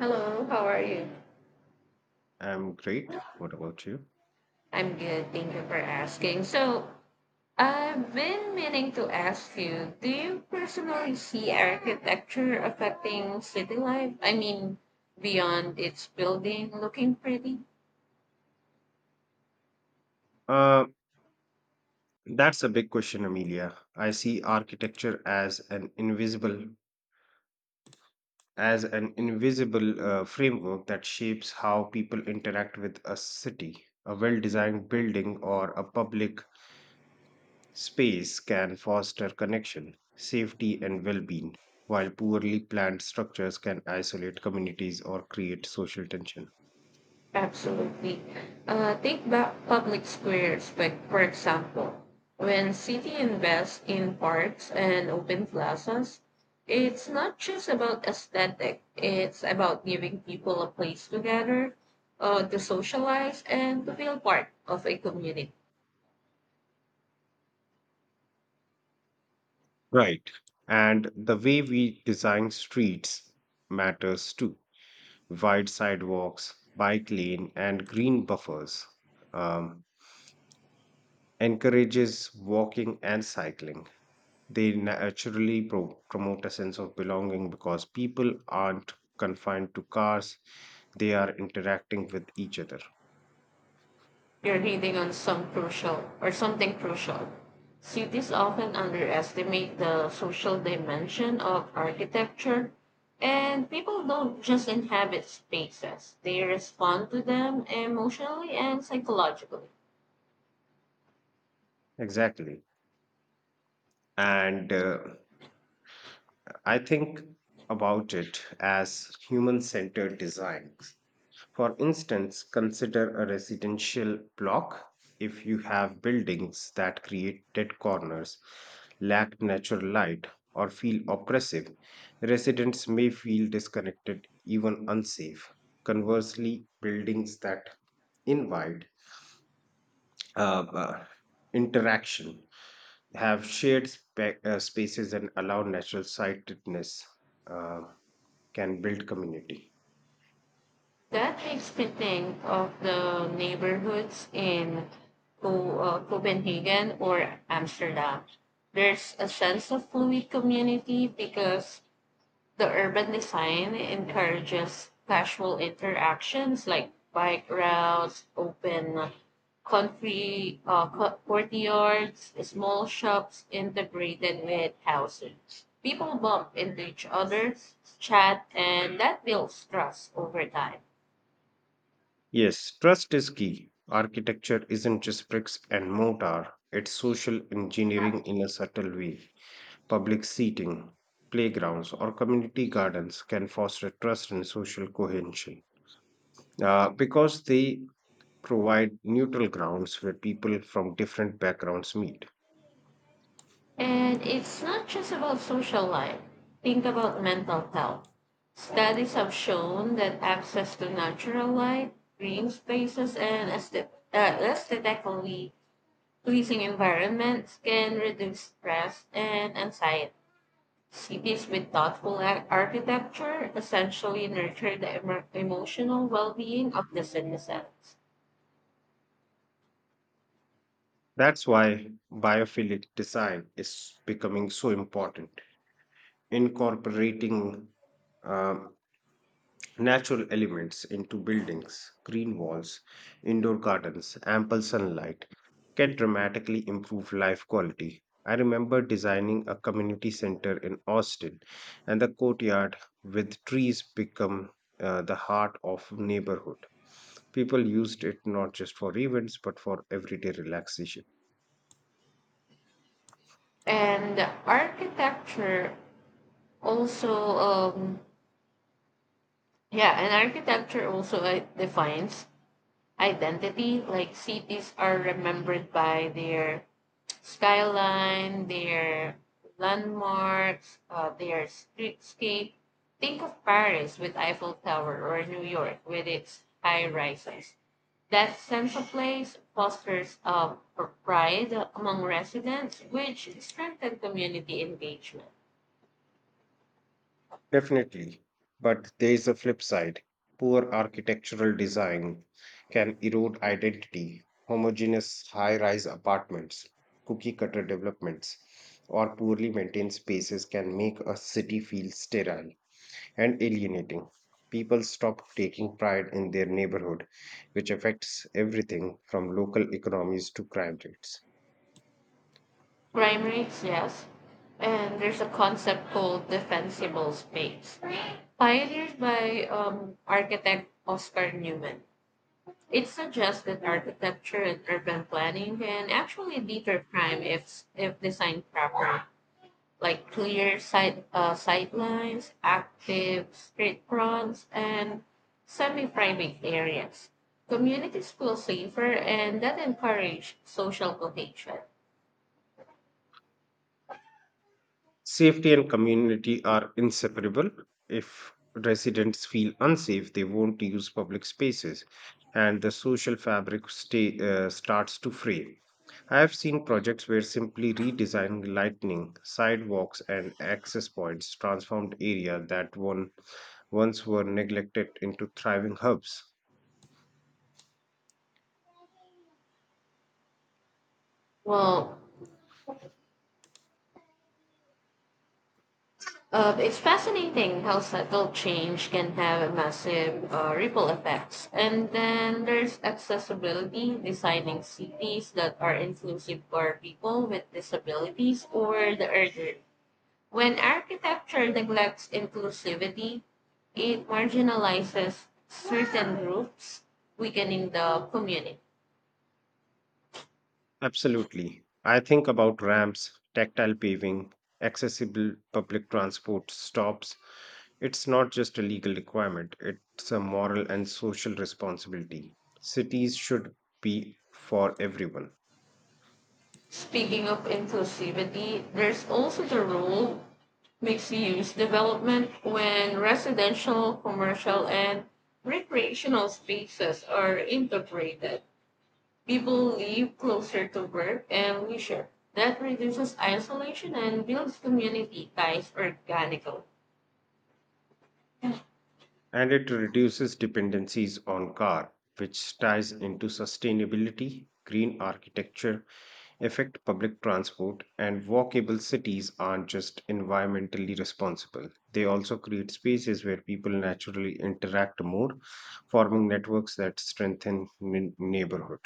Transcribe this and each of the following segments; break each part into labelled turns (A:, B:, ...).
A: Hello, how are you?
B: I'm great. What about you?
A: I'm good, thank you for asking. So, I've been meaning to ask you, do you personally see architecture affecting city life? I mean, beyond its building looking pretty?
B: Uh, that's a big question, Amelia. I see architecture as an invisible framework that shapes how people interact with a city. A well-designed building or a public space can foster connection, safety, and well-being, while poorly planned structures can isolate communities or create social tension.
A: Absolutely. Take back public squares, like for example, when city invests in parks and open plazas, it's not just about aesthetic. It's about giving people a place to gather, to socialize, and to feel part of a community.
B: Right. And the way we design streets matters too wide sidewalks, bike lane, and green buffers, um, encourages walking and cycling. They naturally promote a sense of belonging because people aren't confined to cars, they are interacting with each other.
A: You're hitting on some crucial or something crucial. Cities often underestimate the social dimension of architecture, and people don't just inhabit spaces, they respond to them emotionally and psychologically.
B: Exactly. And I think about it as human centered design. For instance, consider a residential block. If you have buildings that create dead corners, lack natural light, or feel oppressive, residents may feel disconnected, even unsafe. Conversely, buildings that invite uh, uh, interaction have spaces and allow natural sightedness uh, can build community.
A: That makes me think of the neighborhoods in Copenhagen or Amsterdam. There's a sense of fluid community because the urban design encourages casual interactions like bike routes, open country courtyards, small shops integrated with housing. People bump into each other, chat, and that builds trust over time.
B: Yes, trust is key. Architecture isn't just bricks and mortar, it's social engineering in a subtle way. Public seating, playgrounds, or community gardens can foster trust and social cohesion because they provide neutral grounds where people from different backgrounds meet.
A: And it's not just about social life. Think about mental health. Studies have shown that access to natural light, green spaces, and aesthetically pleasing environments can reduce stress and anxiety. Cities with thoughtful architecture essentially nurture the emotional well being of the citizens.
B: That's why biophilic design is becoming so important, incorporating uh, natural elements into buildings, green walls, indoor gardens, ample sunlight can dramatically improve life quality. I remember designing a community center in Austin, and the courtyard with trees become the heart of neighborhood. People used it not just for events but for everyday relaxation.
A: And architecture also Yeah, and architecture also defines identity. Like cities are remembered by their skyline, their landmarks, their streetscape. Think of Paris with Eiffel Tower or New York with its high rises. That sense of place fosters pride among residents, which strengthens community engagement.
B: Definitely. But there is a flip side. Poor architectural design can erode identity. Homogeneous high rise apartments, cookie cutter developments, or poorly maintained spaces can make a city feel sterile and alienating. People stop taking pride in their neighborhood, which affects everything from local economies to crime rates.
A: Crime rates, yes, and there's a concept called defensible space pioneered by architect Oscar Newman. It suggests that architecture and urban planning can actually deter crime if designed properly, like clear sightlines, active street fronts, and semi private areas. Communities feel safer and that encourage social cohesion.
B: Safety and community are inseparable. If residents feel unsafe, they won't use public spaces, and the social fabric starts to fray. I have seen projects where simply redesigning lighting, sidewalks, and access points transformed area that once were neglected into thriving hubs.
A: Well, it's fascinating how subtle change can have massive ripple effects. And then there's accessibility, designing cities that are inclusive for people with disabilities or the elderly. When architecture neglects inclusivity, it marginalizes certain groups, weakening the community.
B: Absolutely. I think about ramps, tactile paving, accessible public transport stops. It's not just a legal requirement, it's a moral and social responsibility. Cities should be for everyone.
A: Speaking of inclusivity, there's also the role mixed-use development when residential, commercial, and recreational spaces are integrated. People live closer to work and leisure. That reduces isolation and builds community ties organically.
B: And it reduces dependencies on car, which ties into sustainability, green architecture, affect public transport, and walkable cities aren't just environmentally responsible. They also create spaces where people naturally interact more, forming networks that strengthen neighborhood.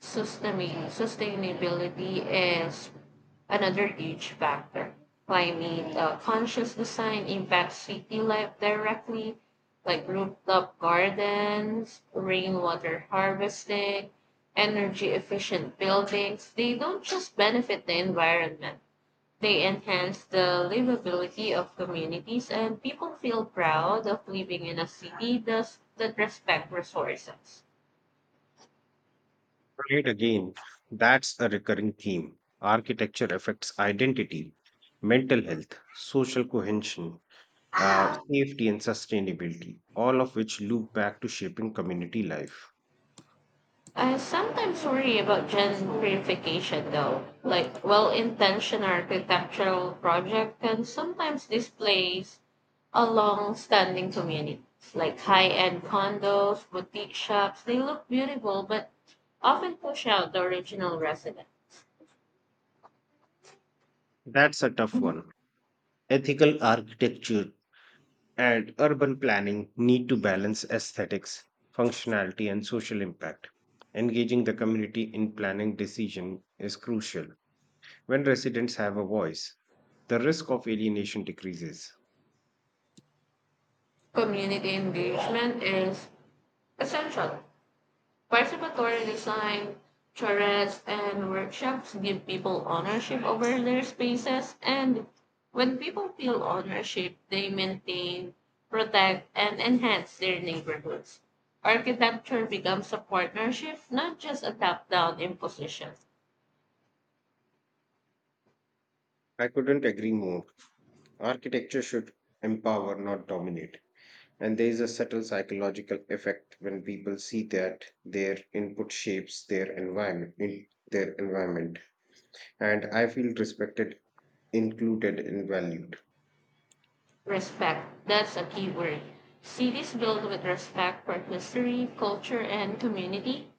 A: Sustainability is another age factor. Climate conscious design impacts city life directly, like rooftop gardens, rainwater harvesting, energy efficient buildings. They don't just benefit the environment, they enhance the livability of communities, and people feel proud of living in a city that's- that respect resources.
B: Right again, that's a recurring theme. Architecture affects identity, mental health, social cohesion, safety, and sustainability, all of which loop back to shaping community life.
A: I sometimes worry about gentrification, though. Like, well intentioned architectural project can sometimes displace a long standing community. Like high end condos, boutique shops, they look beautiful but often push out the original residents.
B: That's a tough one. Ethical architecture and urban planning need to balance aesthetics, functionality, and social impact. Engaging the community in planning decision is crucial. When residents have a voice, the risk of alienation decreases.
A: Community engagement is essential. Participatory design, charrettes, and workshops give people ownership over their spaces, and when people feel ownership, they maintain, protect, and enhance their neighborhoods. Architecture becomes a partnership, not just a top down imposition.
B: I couldn't agree more. Architecture should empower, not dominate. And there is a subtle psychological effect when people see that their input shapes their environment, in their environment, and I feel respected, included, and valued.
A: Respect. That's a key word. Cities built with respect for history, culture, and community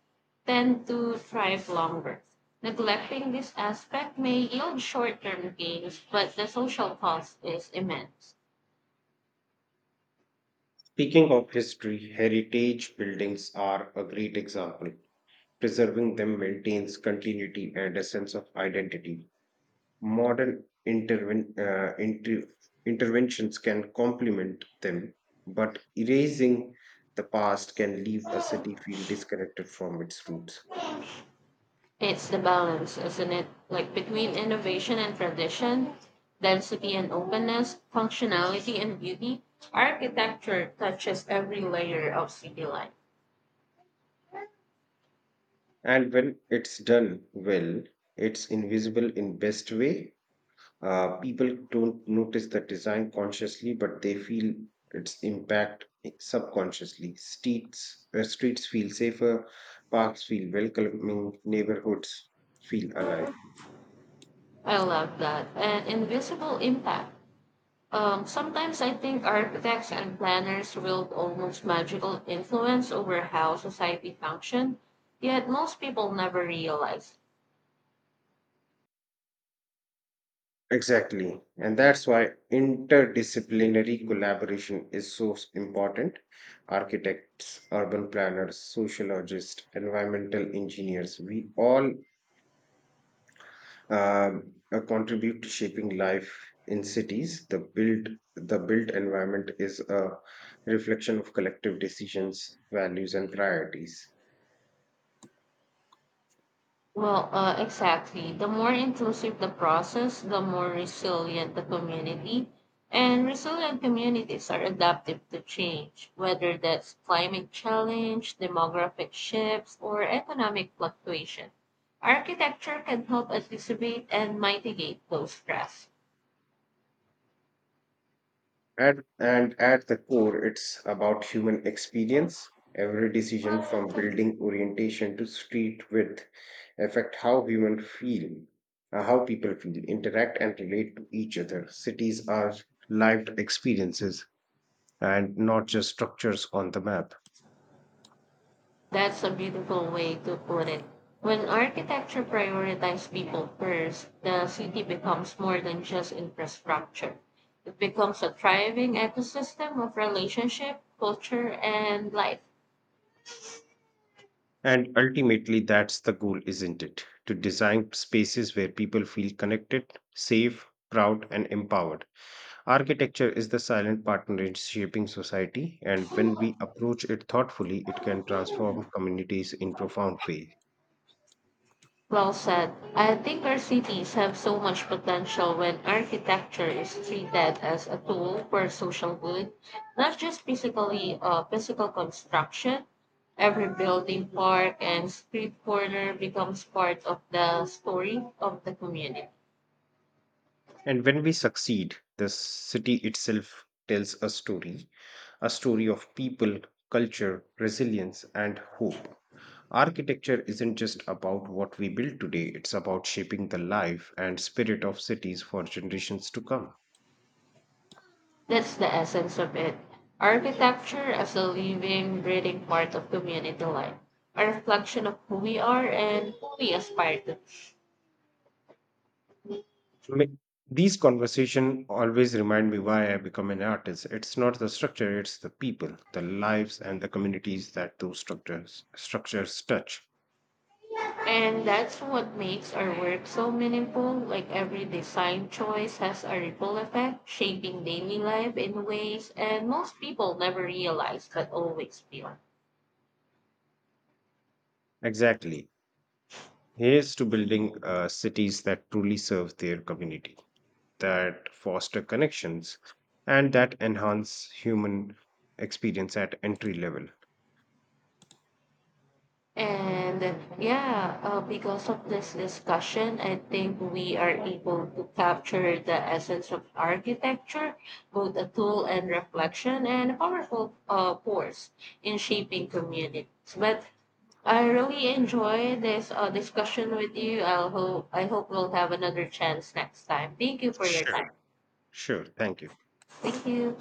A: tend to thrive longer. Neglecting this aspect may yield short term gains, but the social cost is immense.
B: Speaking of history, heritage buildings are a great example. Preserving them maintains continuity and a sense of identity. Modern interventions can complement them, but erasing the past can leave a city feel disconnected from its roots.
A: It's the balance, isn't it? Like between innovation and tradition, density and openness, functionality and beauty, architecture touches every layer of city life.
B: And when it's done well, it's invisible in best way. People don't notice the design consciously, but they feel its impact subconsciously. Streets feel safer, parks feel welcoming, neighborhoods feel alive.
A: I love that. And invisible impact. Sometimes I think architects and planners wield almost magical influence over how society functions, yet most people never realize.
B: Exactly. And that's why interdisciplinary collaboration is so important. Architects, urban planners, sociologists, environmental engineers, we all contribute to shaping life in cities. The built environment is a reflection of collective decisions, values, and priorities.
A: Well, exactly. The more inclusive the process, the more resilient the community. And resilient communities are adaptive to change, whether that's climate challenge, demographic shifts, or economic fluctuation. Architecture can help anticipate and mitigate those stress.
B: And at the core, it's about human experience. Every decision from building orientation to street width affect how human feel, how people feel, interact, and relate to each other. Cities are lived experiences and not just structures on the map.
A: That's a beautiful way to put it. When architecture prioritizes people first, the city becomes more than just infrastructure. It becomes a thriving ecosystem of relationship, culture, and life.
B: And ultimately, that's the goal, isn't it? To design spaces where people feel connected, safe, proud, and empowered. Architecture is the silent partner in shaping society, and when we approach it thoughtfully, it can transform communities in profound ways.
A: Well said. I think our cities have so much potential when architecture is treated as a tool for social good, not just physical construction. Every building, park, and street corner becomes part of the story of the community.
B: And when we succeed, the city itself tells a story, a story of people, culture, resilience, and hope. Architecture isn't just about what we build today, it's about shaping the life and spirit of cities for generations to come.
A: That's the essence of it. Architecture as a living, breathing part of community life, a reflection of who we are and who we aspire to. Be.
B: Ma- These conversations always remind me why I become an artist. It's not the structure, it's the people, the lives, and the communities that those structures touch.
A: And that's what makes our work so meaningful. Like every design choice has a ripple effect, shaping daily life in ways and most people never realize but always feel.
B: Exactly. Here's to building cities that truly serve their community, that foster connections and that enhance human experience at entry level.
A: And uh, yeah, because of this discussion, I think we are able to capture the essence of architecture, both a tool and reflection, and a powerful force in shaping communities. But I really enjoy this discussion with you. I hope we'll have another chance next time. Thank you for your
B: Sure.
A: time.
B: Sure, thank you.
A: Thank you.